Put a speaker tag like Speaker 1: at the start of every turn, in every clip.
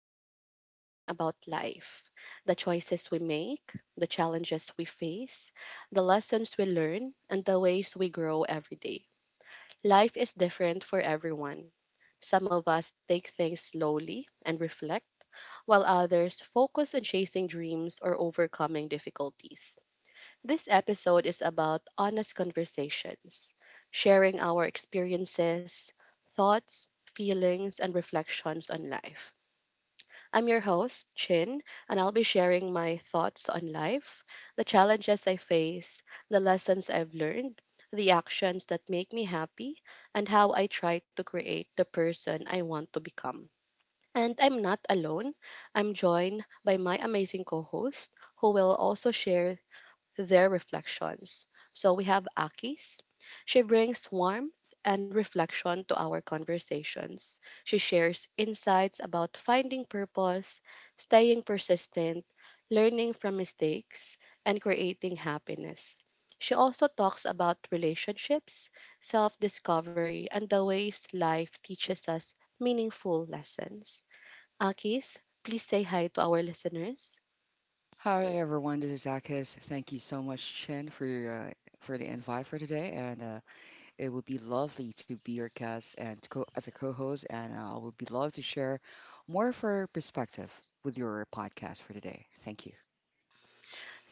Speaker 1: Today, we are talking about life: the choices we make, the challenges we face, the lessons we learn, and the ways we grow every day. Life is different for everyone. Some of us take things slowly and reflect, while others focus on chasing dreams or overcoming difficulties. This episode is about honest conversations, sharing our experiences, thoughts, feelings, and reflections on life. I'm your host, Chin, and I'll be sharing my thoughts on life, the challenges I face, the lessons I've learned, the actions that make me happy, and how I try to create the person I want to become. And I'm not alone. I'm joined by my amazing co host, who will also share their reflections. So we have Aki's. She brings warmth and reflection to our conversations. She shares insights about finding purpose, staying persistent, learning from mistakes, and creating happiness. She also talks about relationships, self discovery, and the ways life teaches us meaningful lessons. Akis, please say hi to our listeners.
Speaker 2: Hi everyone, this is Akis. Thank you so much, Chen, for your, for the invite for today, and it would be lovely to be your guest and to as a co-host, and I would be love to share more of our perspective with your podcast for today. Thank you.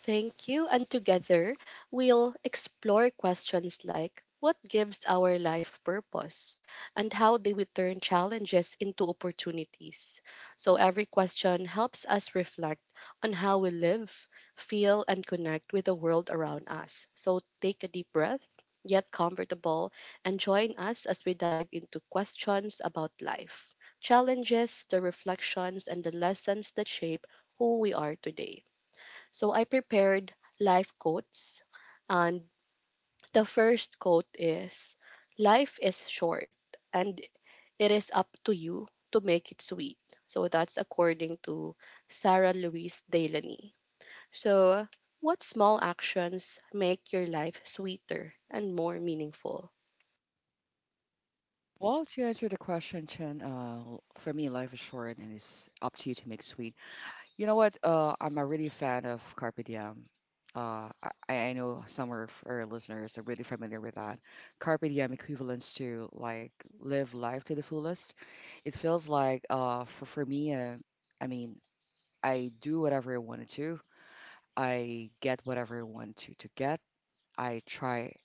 Speaker 1: Thank you. And together, we'll explore questions like what gives our life purpose and how do we turn challenges into opportunities? So, every question helps us reflect on how we live, feel, and connect with the world around us. So, take a deep breath, get comfortable, and join us as we dive into questions about life, challenges, the reflections, and the lessons that shape who we are today. So I prepared life quotes. And the first quote is: Life is short, and it is up to you to make it sweet. So that's according to Sarah Louise Delaney. So, what small actions make your life sweeter and more meaningful?
Speaker 2: Well, to answer the question, Chen, for me, life is short, and it's up to you to make sweet. You know what? I'm a really fan of Carpe Diem. Uh, I know some of our listeners are really familiar with that. Carpe Diem equivalents to like live life to the fullest. It feels like for me, I mean, I do whatever I wanted to. I get whatever I want to get. I try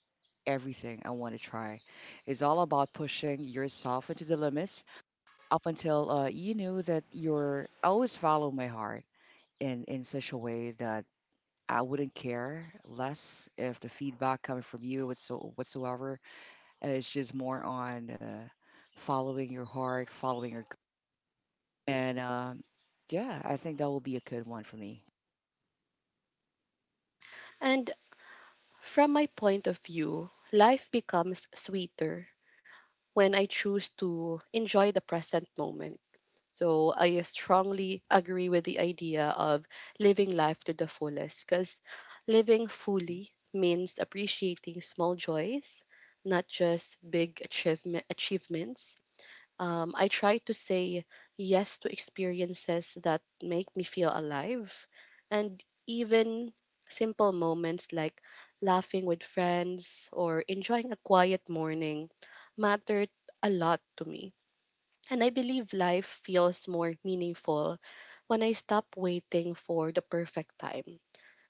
Speaker 2: everything I want to try. It's all about pushing yourself into the limits up until you know that you're I always follow my heart in such a way that I wouldn't care less if the feedback coming from you whatsoever. It's just more on following your heart, following your gut. And Yeah, I think that will be a good one for me.
Speaker 1: And from my point of view, life becomes sweeter when I choose to enjoy the present moment. So I strongly agree with the idea of living life to the fullest, because living fully means appreciating small joys, not just big achievements. I try to say yes to experiences that make me feel alive, and even simple moments like laughing with friends or enjoying a quiet morning mattered a lot to me, and I believe life feels more meaningful when I stop waiting for the perfect time.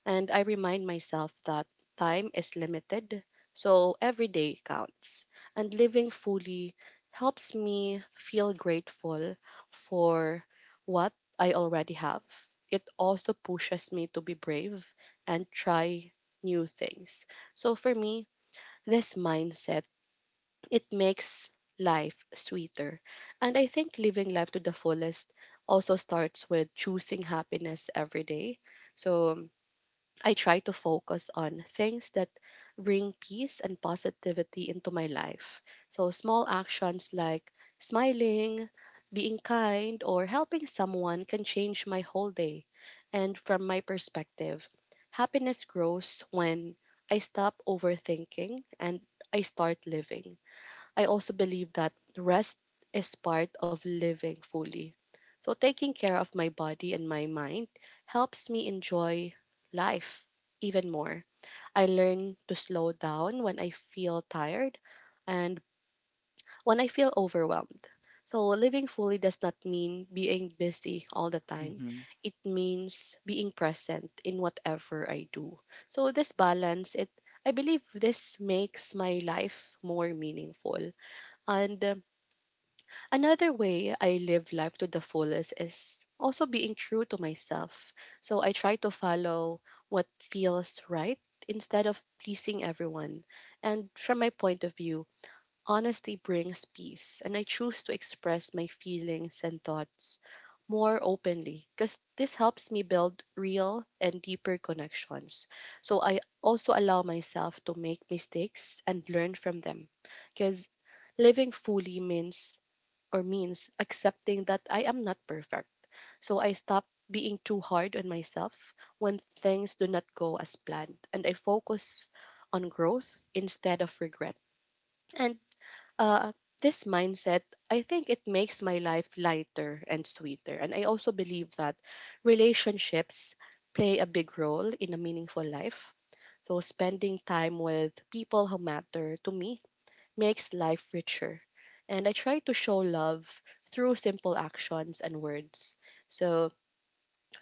Speaker 1: And I remind myself that time is limited, so every day counts. And living fully helps me feel grateful for what I already have. It also pushes me to be brave and try new things. So for me, this mindset, it makes life sweeter. And I think living life to the fullest also starts with choosing happiness every day. So I try to focus on things that bring peace and positivity into my life. So small actions like smiling, being kind, or helping someone can change my whole day. And from my perspective, happiness grows when I stop overthinking and I start living. I also believe that rest is part of living fully. So, taking care of my body and my mind helps me enjoy life even more. I learn to slow down when I feel tired and when I feel overwhelmed. So, living fully does not mean being busy all the time.
Speaker 2: Hmm
Speaker 1: It means being present in whatever I do. So, this balance, it I believe this makes my life more meaningful. And Another way I live life to the fullest is also being true to myself. So I try to follow what feels right instead of pleasing everyone. And from my point of view, honesty brings peace, and I choose to express my feelings and thoughts more openly, because this helps me build real and deeper connections. So I also allow myself to make mistakes and learn from them, because living fully means accepting that I am not perfect. So I stop being too hard on myself when things do not go as planned, and I focus on growth instead of regret. And uh, this mindset, I think it makes my life lighter and sweeter. And I also believe that relationships play a big role in a meaningful life. So spending time with people who matter to me makes life richer. And I try to show love through simple actions and words. So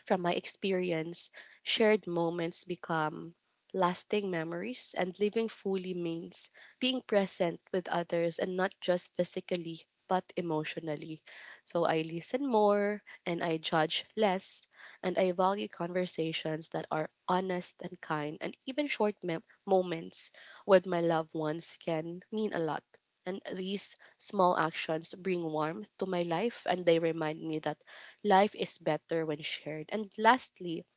Speaker 1: from my experience, shared moments become lasting memories, and living fully means being present with others, and not just physically but emotionally. So I listen more and I judge less, and I value conversations that are honest and kind, and even short moments with my loved ones can mean a lot. And these small actions bring warmth to my life, and they remind me that life is better when shared. And lastly,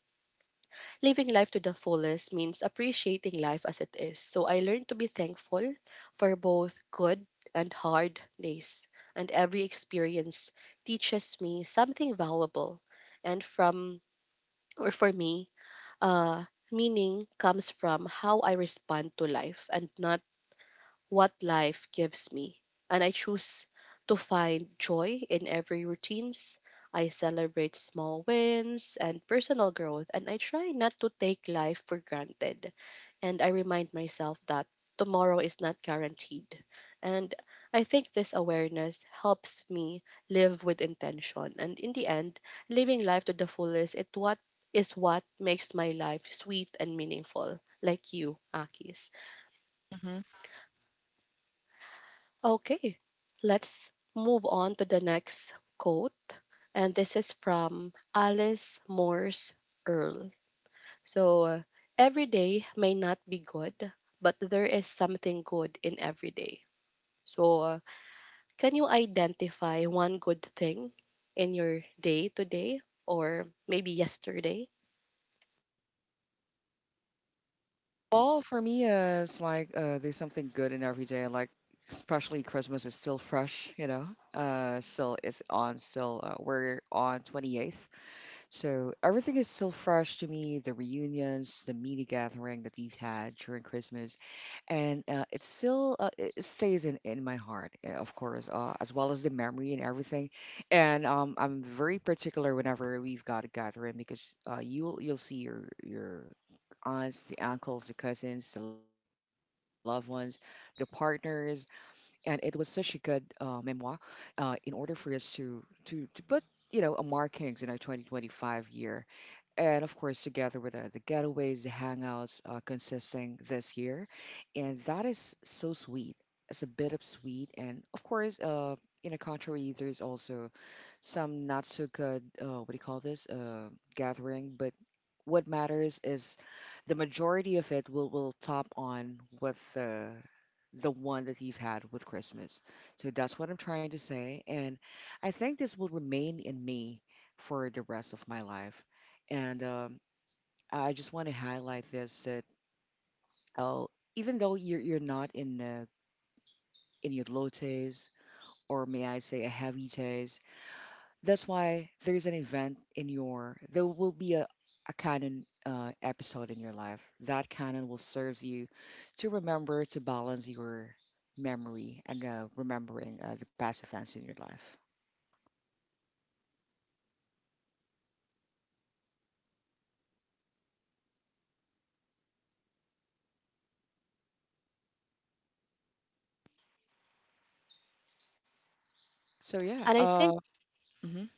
Speaker 1: living life to the fullest means appreciating life as it is. So I learned to be thankful for both good and hard days. And every experience teaches me something valuable. And from, or for me, uh, meaning comes from how I respond to life and not what life gives me, and I choose to find joy in every routines. I celebrate small wins and personal growth, and I try not to take life for granted. And I remind myself that tomorrow is not guaranteed. And I think this awareness helps me live with intention. And in the end, living life to the fullest it what is what makes my life sweet and meaningful, like you, Akis.
Speaker 2: hmm
Speaker 1: Okay, let's move on to the next quote. And this is from Alice Morse Earl. So, every day may not be good, but there is something good in every day. So, can you identify one good thing in your day today or maybe yesterday?
Speaker 2: Well, for me, it's like there's something good in every day. Like especially Christmas is still fresh, you know. Still it's on. Still we're on 28th. So everything is still fresh to me, the reunions, the mini gathering that we've had during Christmas. And it still it stays in my heart, of course, as well as the memory and everything. And I'm very particular whenever we've got a gathering because you'll see your aunts, the uncles, the cousins, the loved ones, the partners, and it was such a good memoir in order for us to to put you know a markings in our 2025 year, and of course together with the getaways, the hangouts consisting this year. And that is so sweet, it's a bit of sweet, and of course in a contrary there's also some not so good what do you call this gathering. But what matters is the majority of it will top on with the one that you've had with Christmas. So that's what I'm trying to say. And I think this will remain in me for the rest of my life. And I just want to highlight this, that oh, even though you're not in in your low taste, or may I say a heavy taste, that's why there's an event in your, there will be a canon episode in your life. That canon will serve you to remember to balance your memory and remembering the past events in your life. So yeah,
Speaker 1: And I think,
Speaker 2: mhm.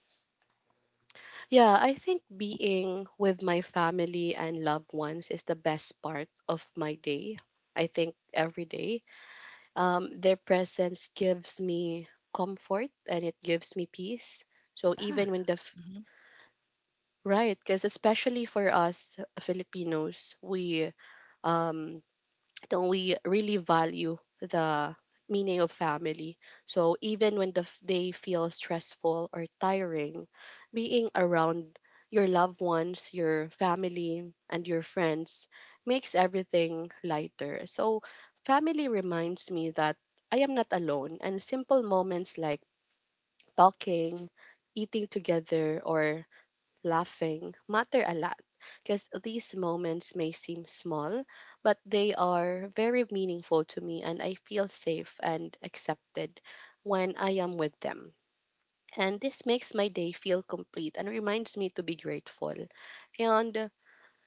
Speaker 1: yeah, I think being with my family and loved ones is the best part of my day. I think every day, their presence gives me comfort, and it gives me peace. So
Speaker 2: Yeah.
Speaker 1: even when the f-
Speaker 2: hmm
Speaker 1: Right, because especially for us, Filipinos, we, um, don't, we really value the meaning of family. So even when the day feels stressful or tiring, being around your loved ones, your family, and your friends makes everything lighter. So family reminds me that I am not alone, and simple moments like talking, eating together, or laughing matter a lot, because these moments may seem small, but they are very meaningful to me, and I feel safe and accepted when I am with them. And this makes my day feel complete and reminds me to be grateful. And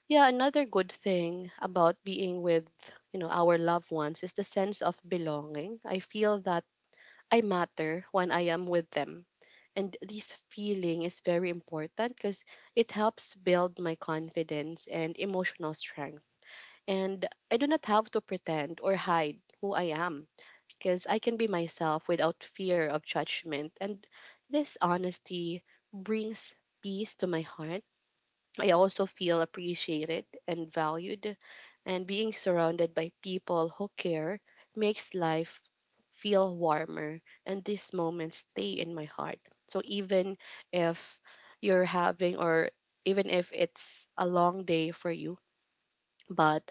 Speaker 1: yeah, another good thing about being with, our loved ones is the sense of belonging. I feel that I matter when I am with them, and this feeling is very important because it helps build my confidence and emotional strength. And I do not have to pretend or hide who I am, because I can be myself without fear of judgment. And this honesty brings peace to my heart. I also feel appreciated and valued, and being surrounded by people who care makes life feel warmer, and these moments stay in my heart. So even if you're having, or even if it's a long day for you, but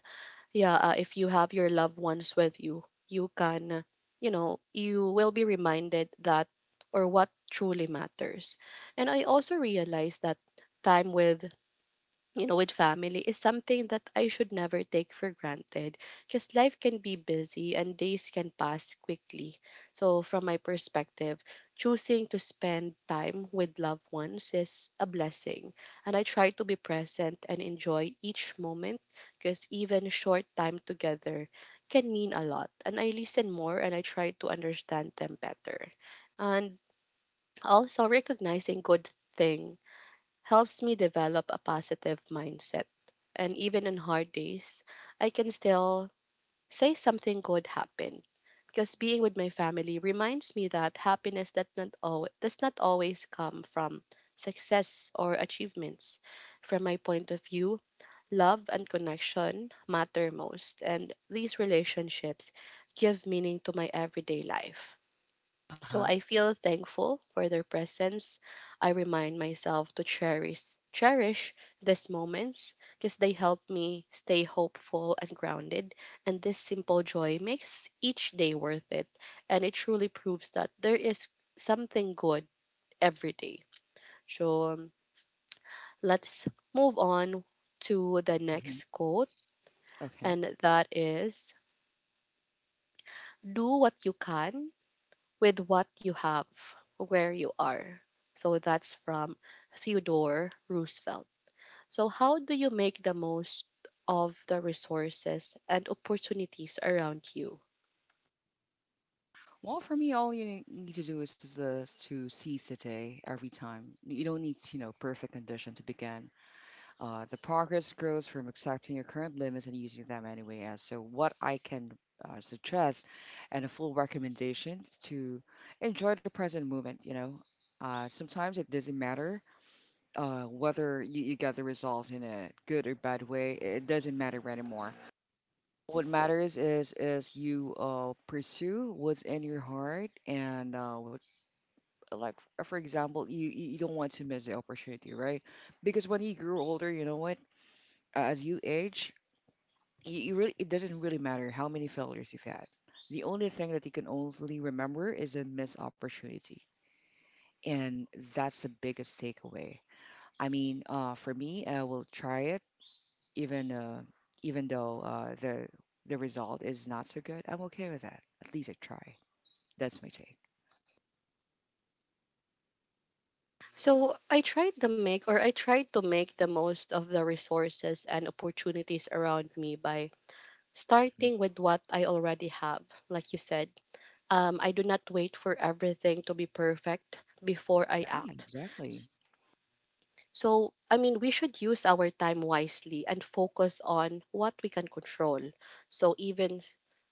Speaker 1: yeah, if you have your loved ones with you, you can, you will be reminded that or what truly matters. And I also realized that time with, with family is something that I should never take for granted, because life can be busy and days can pass quickly. So, from my perspective, choosing to spend time with loved ones is a blessing. And I try to be present and enjoy each moment, because even short time together can mean a lot. And I listen more and I try to understand them better. And also recognizing good thing helps me develop a positive mindset. And even on hard days, I can still say something good happened, because being with my family reminds me that happiness that not al- does not always come from success or achievements. From my point of view, love and connection matter most, and these relationships give meaning to my everyday life.
Speaker 2: uh huh,
Speaker 1: So I feel thankful for their presence. I remind myself to cherish these moments, because they help me stay hopeful and grounded, and this simple joy makes each day worth it, and it truly proves that there is something good every day. So let's move on to the
Speaker 2: hmm.
Speaker 1: next quote,
Speaker 2: Okay.
Speaker 1: and that is: Do what you can with what you have, where you are. So that's from Theodore Roosevelt. So, how do you make the most of the resources and opportunities around you?
Speaker 2: Well, for me, all you need to do is, to seize the day every time. You don't need, you know, perfect condition to begin. The progress grows from accepting your current limits and using them anyway. As so, what I can suggest and a full recommendation to enjoy the present moment. You know, sometimes it doesn't matter whether you, you get the results in a good or bad way. It doesn't matter anymore. What matters is you pursue what's in your heart, and what like for example, you don't want to miss the opportunity, right? Because when you grow older, you know what, as you age, you really, it doesn't really matter how many failures you've had. The only thing that you can only remember is a missed opportunity, and that's the biggest takeaway. For me, I will try it, even even though the result is not so good, I'm okay with that. At least I try. That's my take.
Speaker 1: So, I tried to make the most of the resources and opportunities around me by
Speaker 2: Mhm.
Speaker 1: starting with what I already have, like you said. I do not wait for everything to be perfect before I
Speaker 2: Yeah,
Speaker 1: act.
Speaker 2: exactly.
Speaker 1: So, I mean, we should use our time wisely and focus on what we can control. So, even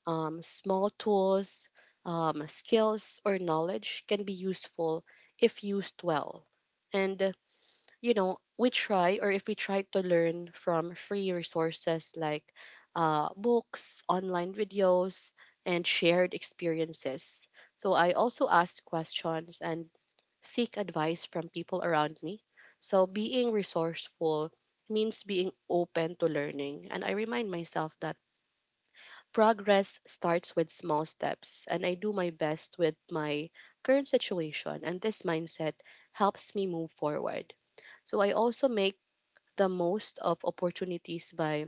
Speaker 1: small tools, skills, or knowledge can be useful if used well. And, you know, we try or if we try to learn from free resources like books, online videos, and shared experiences. So, I also asked questions and seek advice from people around me. So being resourceful means being open to learning. And I remind myself that progress starts with small steps. And I do my best with my current situation. And this mindset helps me move forward. So I also make the most of opportunities by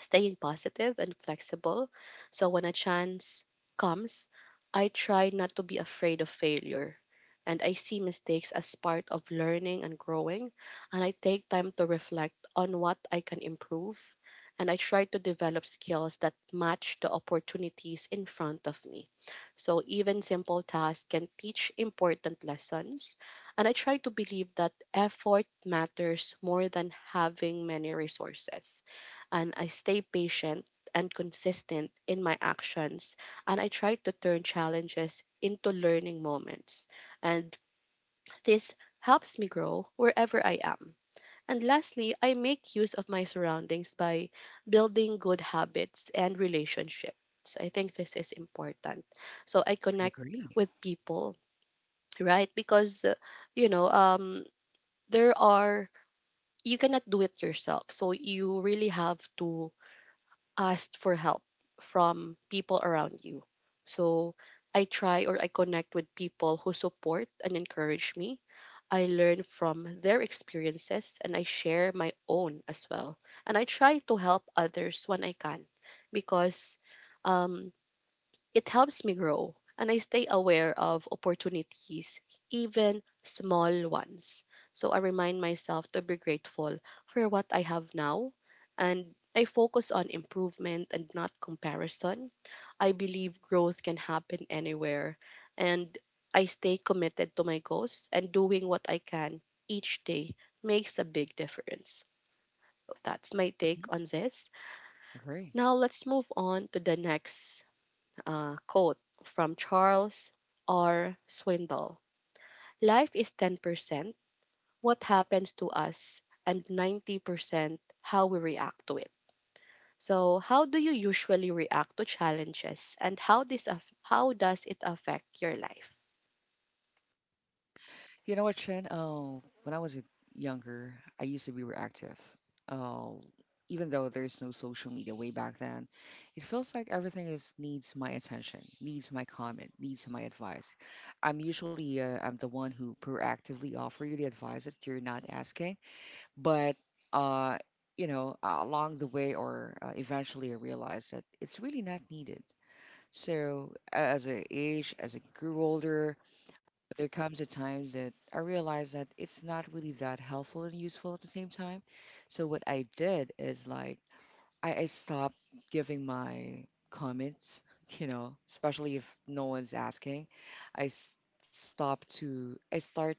Speaker 1: staying positive and flexible. So when a chance comes, I try not to be afraid of failure. And I see mistakes as part of learning and growing. And I take time to reflect on what I can improve. And I try to develop skills that match the opportunities in front of me. So even simple tasks can teach important lessons. And I try to believe that effort matters more than having many resources, and I stay patient and consistent in my actions, and I try to turn challenges into learning moments. And this helps me grow wherever I am. And lastly, I make use of my surroundings by building good habits and relationships. I think this is important. So I
Speaker 2: I
Speaker 1: connect
Speaker 2: agree.
Speaker 1: with people, right? Because you know, um there are, you cannot do it yourself. So you really have to asked for help from people around you. So I try or I connect with people who support and encourage me. I learn from their experiences and I share my own as well. And I try to help others when I can, because um, it helps me grow and I stay aware of opportunities, even small ones. So I remind myself to be grateful for what I have now, and I focus on improvement and not comparison. I believe growth can happen anywhere, and I stay committed to my goals, and doing what I can each day makes a big difference. That's my take
Speaker 2: Mhm.
Speaker 1: on this.
Speaker 2: Agree.
Speaker 1: Now let's move on to the next quote from Charles R. Swindoll. Life is 10% what happens to us and 90% how we react to it. So, how do you usually react to challenges and how how does it affect your life?
Speaker 2: You know what, Chen? Oh, when I was younger, I used to be reactive. Oh, even though there's no social media way back then, it feels like everything is needs my attention, needs my comment, needs my advice. I'm usually I'm the one who proactively offer you the advice that you're not asking. But uh, you know, along the way, or eventually I realized that it's really not needed. So as I age, as I grew older, there comes a time that I realized that it's not really that helpful and useful at the same time. So what I did is like I stopped giving my comments you know, especially if no one's asking. i s- I start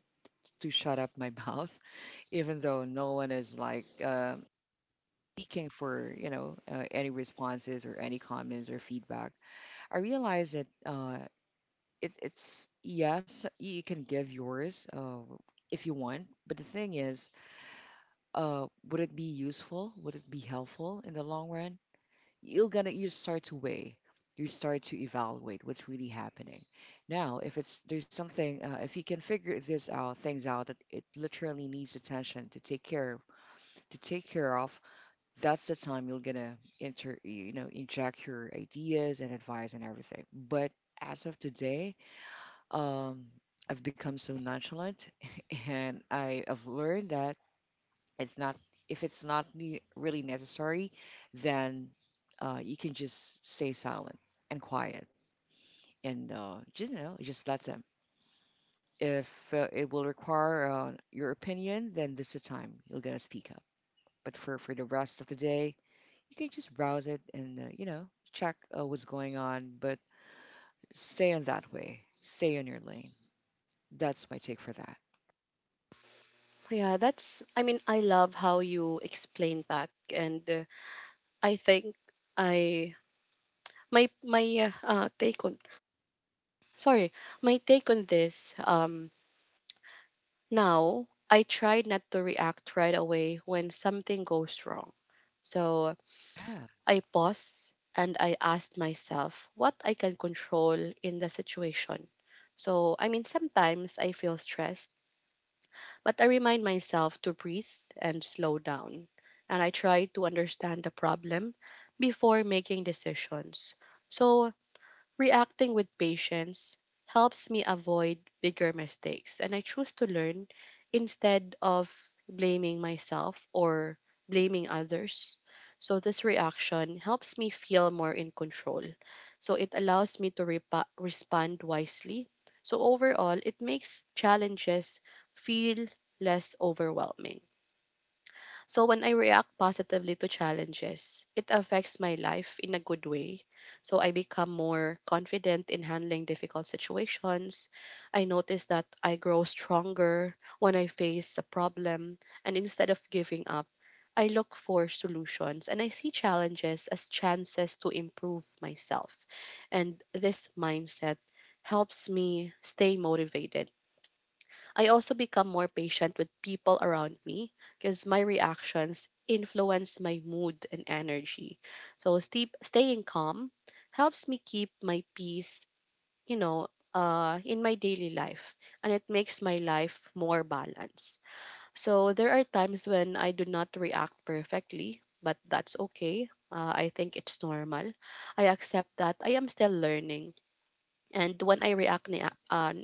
Speaker 2: to shut up my mouth, even though no one is like seeking for, you know, any responses or any comments or feedback. I realized that it's yes, you can give yours if you want. But the thing is, would it be useful, would it be helpful in the long run? You're gonna, you start to weigh, you start to evaluate what's really happening. Now, if it's there's something if you can figure this out things out that it literally needs attention to take care, to take care of. That's the time you're gonna enter, you know, inject your ideas and advice and everything. But as of today, um I've become so nonchalant and I have learned that it's not, if it's not really necessary, then you can just stay silent and quiet, and just you know just let them. If it will require your opinion, then this is the time you're gonna speak up. But for the rest of the day, you can just browse it and, you know, check what's going on, but stay on that way, stay on your lane. That's my take for that.
Speaker 1: Yeah, that's I mean I love how you explain that. And I think I my my take on sorry, my take on this, now, I try not to react right away when something goes wrong. So
Speaker 2: Yeah.
Speaker 1: I pause and I ask myself what I can control in the situation. So, I mean, sometimes I feel stressed, but I remind myself to breathe and slow down. And I try to understand the problem before making decisions. So, reacting with patience helps me avoid bigger mistakes, and I choose to learn instead of blaming myself or blaming others. So, this reaction helps me feel more in control. So, it allows me to respond wisely. So, overall, it makes challenges feel less overwhelming. So when I react positively to challenges, it affects my life in a good way. So I become more confident in handling difficult situations. I notice that I grow stronger when I face a problem, and instead of giving up, I look for solutions and I see challenges as chances to improve myself. And this mindset helps me stay motivated. I also become more patient with people around me because my reactions influence my mood and energy. So staying calm helps me keep my peace, you know, in my daily life, and it makes my life more balanced. So there are times when I do not react perfectly, but that's okay. I think it's normal. I accept that I am still learning, and when I react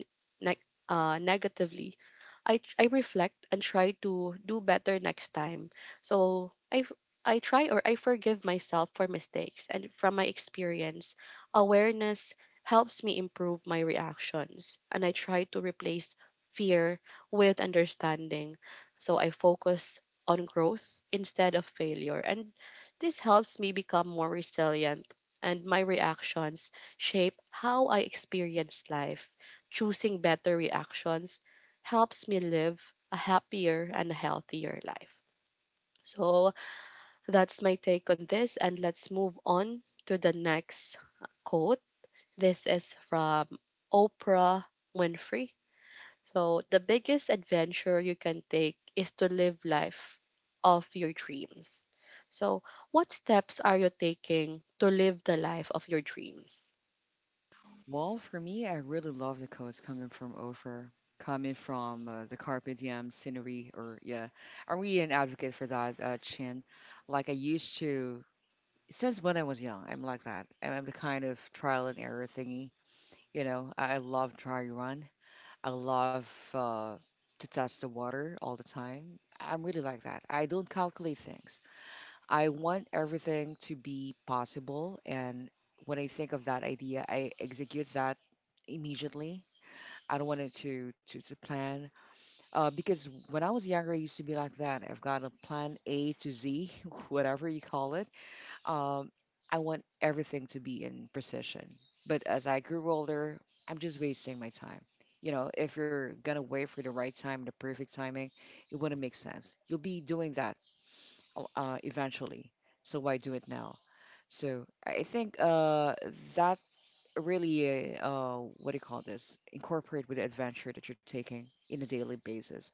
Speaker 1: ne- negatively, I reflect and try to do better next time. So I f- I try or I forgive myself for mistakes, and from my experience, awareness helps me improve my reactions, and I try to replace fear with understanding. So I focus on growth instead of failure, and this helps me become more resilient, and my reactions shape how I experience life. Choosing better reactions helps me live a happier and a healthier life. So that's my take on this, and let's move on to the next quote. This is from Oprah Winfrey. So, the biggest adventure you can take is to live life of your dreams. So, what steps are you taking to live the life of your dreams?
Speaker 2: Well, for me, I really love the codes coming from Ofer, coming from the Carpe Diem scenery, or yeah, are we an advocate for that, Chin? Like I used to, since when I was young, I'm like that. I'm the kind of trial and error thingy. You know, I love try run. I love to test the water all the time. I'm really like that. I don't calculate things. I want everything to be possible. And when I think of that idea, I execute that immediately. I don't want it to plan. Because when I was younger, I used to be like that. I've got a plan A to Z, whatever you call it. Um, I want everything to be in precision. But as I grew older, I'm just wasting my time. You know, if you're gonna wait for the right time, the perfect timing, it wouldn't make sense. You'll be doing that eventually. So why do it now? So I think that really, what do you call this? Incorporate with the adventure that you're taking in a daily basis.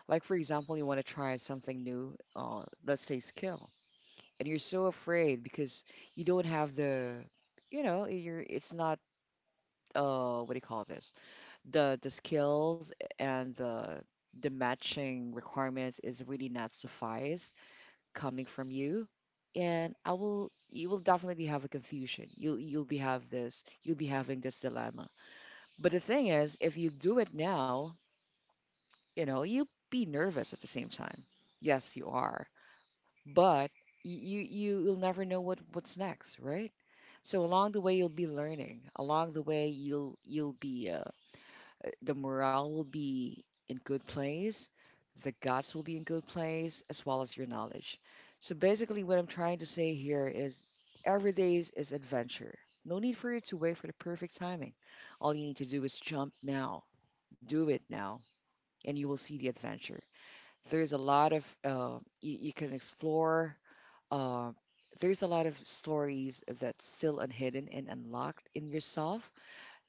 Speaker 2: Like for example, you want to try something new, let's say skill, and you're so afraid because you don't have the, you know, you're it's not what do you call this the skills and the matching requirements is really not suffice coming from you. And I will, you will definitely have a confusion, you you'll be have this, you'll be having this dilemma. But the thing is, if you do it now, you know, you be nervous at the same time, yes you are, but you, you will never know what what's next, right? So along the way, you'll be learning. Along the way, you'll be the morale will be in good place, the guts will be in good place, as well as your knowledge. So basically what I'm trying to say here is every day is adventure. No need for you to wait for the perfect timing. All you need to do is jump now. Do it now and you will see the adventure. There's a lot of you can explore. uh, there's a lot of stories that's still unhidden and unlocked in yourself.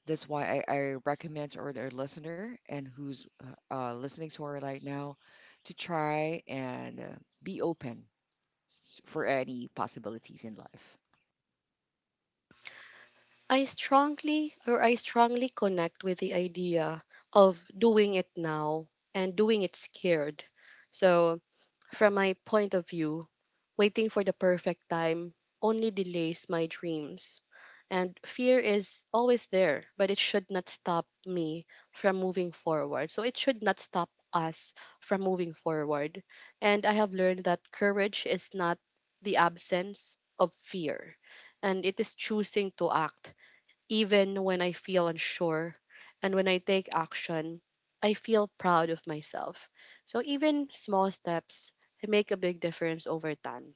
Speaker 2: That's why I recommend to our listener and who's listening to our right now, to try, and be open for any possibilities in life.
Speaker 1: I strongly connect with the idea of doing it now and doing it scared. So, from my point of view, waiting for the perfect time only delays my dreams. And fear is always there, but it should not stop me from moving forward. So, it should not stop us from moving forward. And I have learned that courage is not the absence of fear, and it is choosing to act even when I feel unsure, and when I take action, I feel proud of myself. So even small steps make a big difference over time.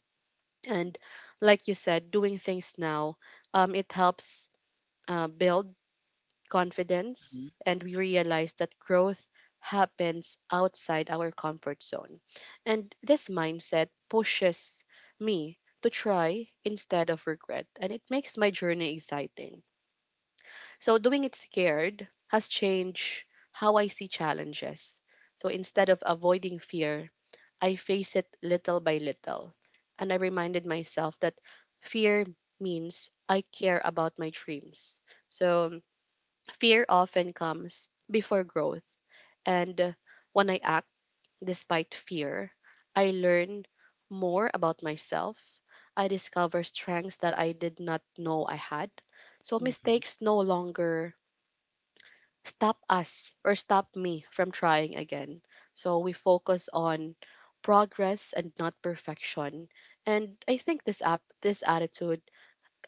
Speaker 1: And like you said, doing things now, it helps build
Speaker 2: Hmm.
Speaker 1: confidence, and we realize that growth happens outside our comfort zone. And this mindset pushes me to try instead of regret, and it makes my journey exciting. So doing it scared has changed how I see challenges. So instead of avoiding fear, I face it little by little. And I reminded myself that fear means I care about my dreams. So fear often comes before growth. And when I act despite fear, I learn more about myself. I discover strengths that I did not know I had. So
Speaker 2: hmm
Speaker 1: mistakes no longer stop us or stop me from trying again. So we focus on progress and not perfection. And I think this attitude,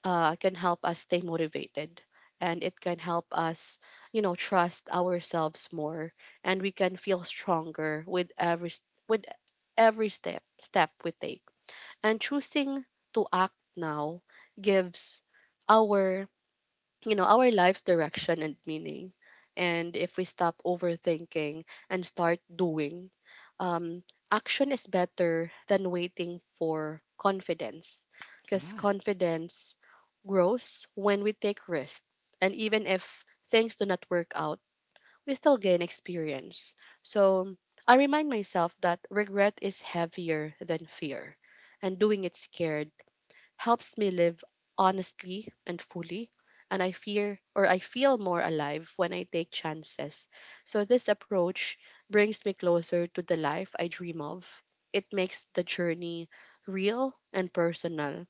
Speaker 1: can help us stay motivated, and it can help us, you know, trust ourselves more, and we can feel stronger with with every step we take. And choosing to act now gives our, you know, our life's direction and meaning. And if we stop overthinking and start doing, um, action is better than waiting for confidence. Because
Speaker 2: Yeah.
Speaker 1: confidence grows when we take risks. And even if things do not work out, we still gain experience. So I remind myself that regret is heavier than fear. And doing it scared helps me live honestly and fully. And I fear or I feel more alive when I take chances. So this approach brings me closer to the life I dream of. It makes the journey real and personal.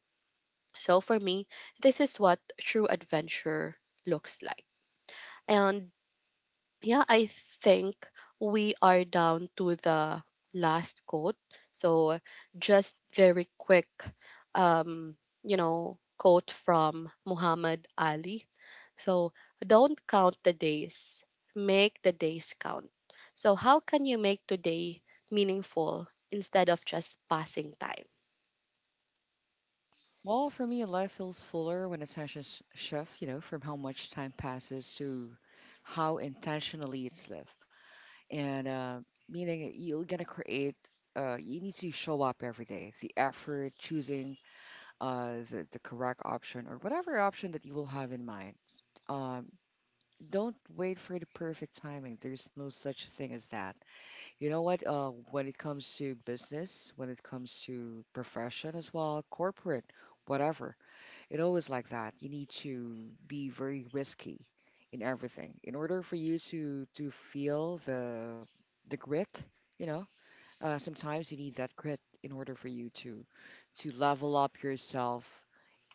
Speaker 1: So for me, this is what true adventure looks like. And yeah, I think we are down to the last quote. So, just very quick, um, you know, quote from Muhammad Ali. So, don't count the days, make the days count. So, how can you make today meaningful instead of just passing time?
Speaker 2: Well, for me, life feels fuller when attention shifts, you know, from how much time passes to how intentionally it's lived, and meaning you're gonna create. You need to show up every day. The effort, choosing the correct option or whatever option that you will have in mind. Um, don't wait for the perfect timing. There's no such thing as that. You know what? When it comes to business, when it comes to profession as well, corporate, whatever, it always like that. You need to be very risky in everything in order for you to feel the grit. You know, sometimes you need that grit in order for you to level up yourself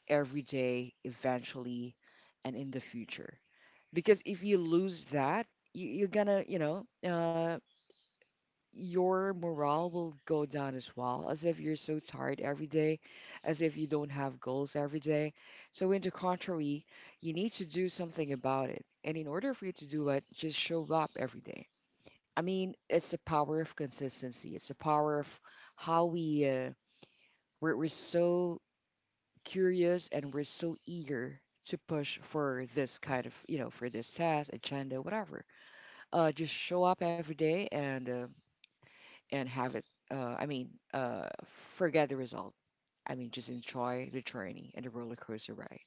Speaker 2: every day, eventually, and in the future. Because if you lose that, you, you're gonna, you know, your morale will go down as well, as if you're so tired every day, as if you don't have goals every day. So, in the contrary, you need to do something about it. And in order for you to do it, just show up every day. I mean, it's a power of consistency, it's a power of how we, we're so curious and we're so eager to push for this kind of, you know, for this task, agenda, whatever. Just show up every day and have it. Uh, I mean, uh, forget the result. I mean, just enjoy the journey and the roller coaster ride.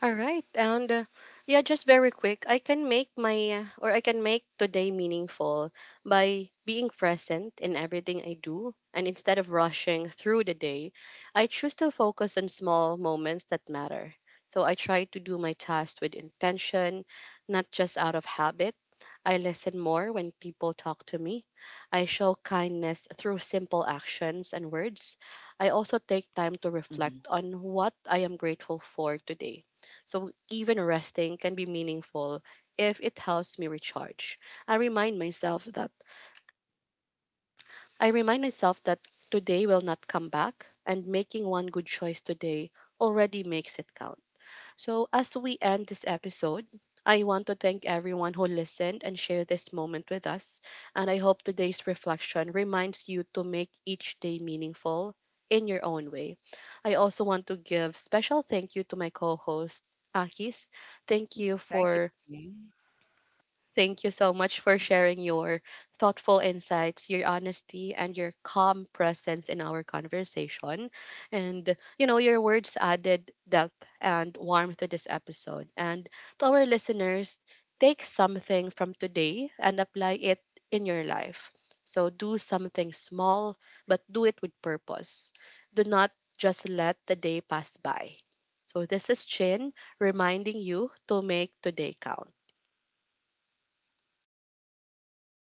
Speaker 1: All right. And yeah, just very quick, I can make my or I can make today meaningful by being present in everything I do. And instead of rushing through the day, I choose to focus on small moments that matter. So I try to do my tasks with intention, not just out of habit. I listen more when people talk to me. I show kindness through simple actions and words. I also take time to
Speaker 2: Hmm.
Speaker 1: reflect on what I am grateful for today, so even resting can be meaningful if it helps me recharge. I remind myself that I remind myself that today will not come back, and making one good choice today already makes it count. So, as we end this episode, I want to thank everyone who listened and shared this moment with us. And I hope today's reflection reminds you to make each day meaningful in your own way. I also want to give special thank you to my co-host Akis. Thank you
Speaker 2: Thank you,
Speaker 1: for
Speaker 2: Jane.
Speaker 1: Thank you so much for sharing your thoughtful insights, your honesty, and your calm presence in our conversation. And, you know, your words added depth and warmth to this episode. And to our listeners, take something from today and apply it in your life. So do something small, but do it with purpose. Do not just let the day pass by. So this is Chin reminding you to make today count.
Speaker 2: Thank you so much, Shan.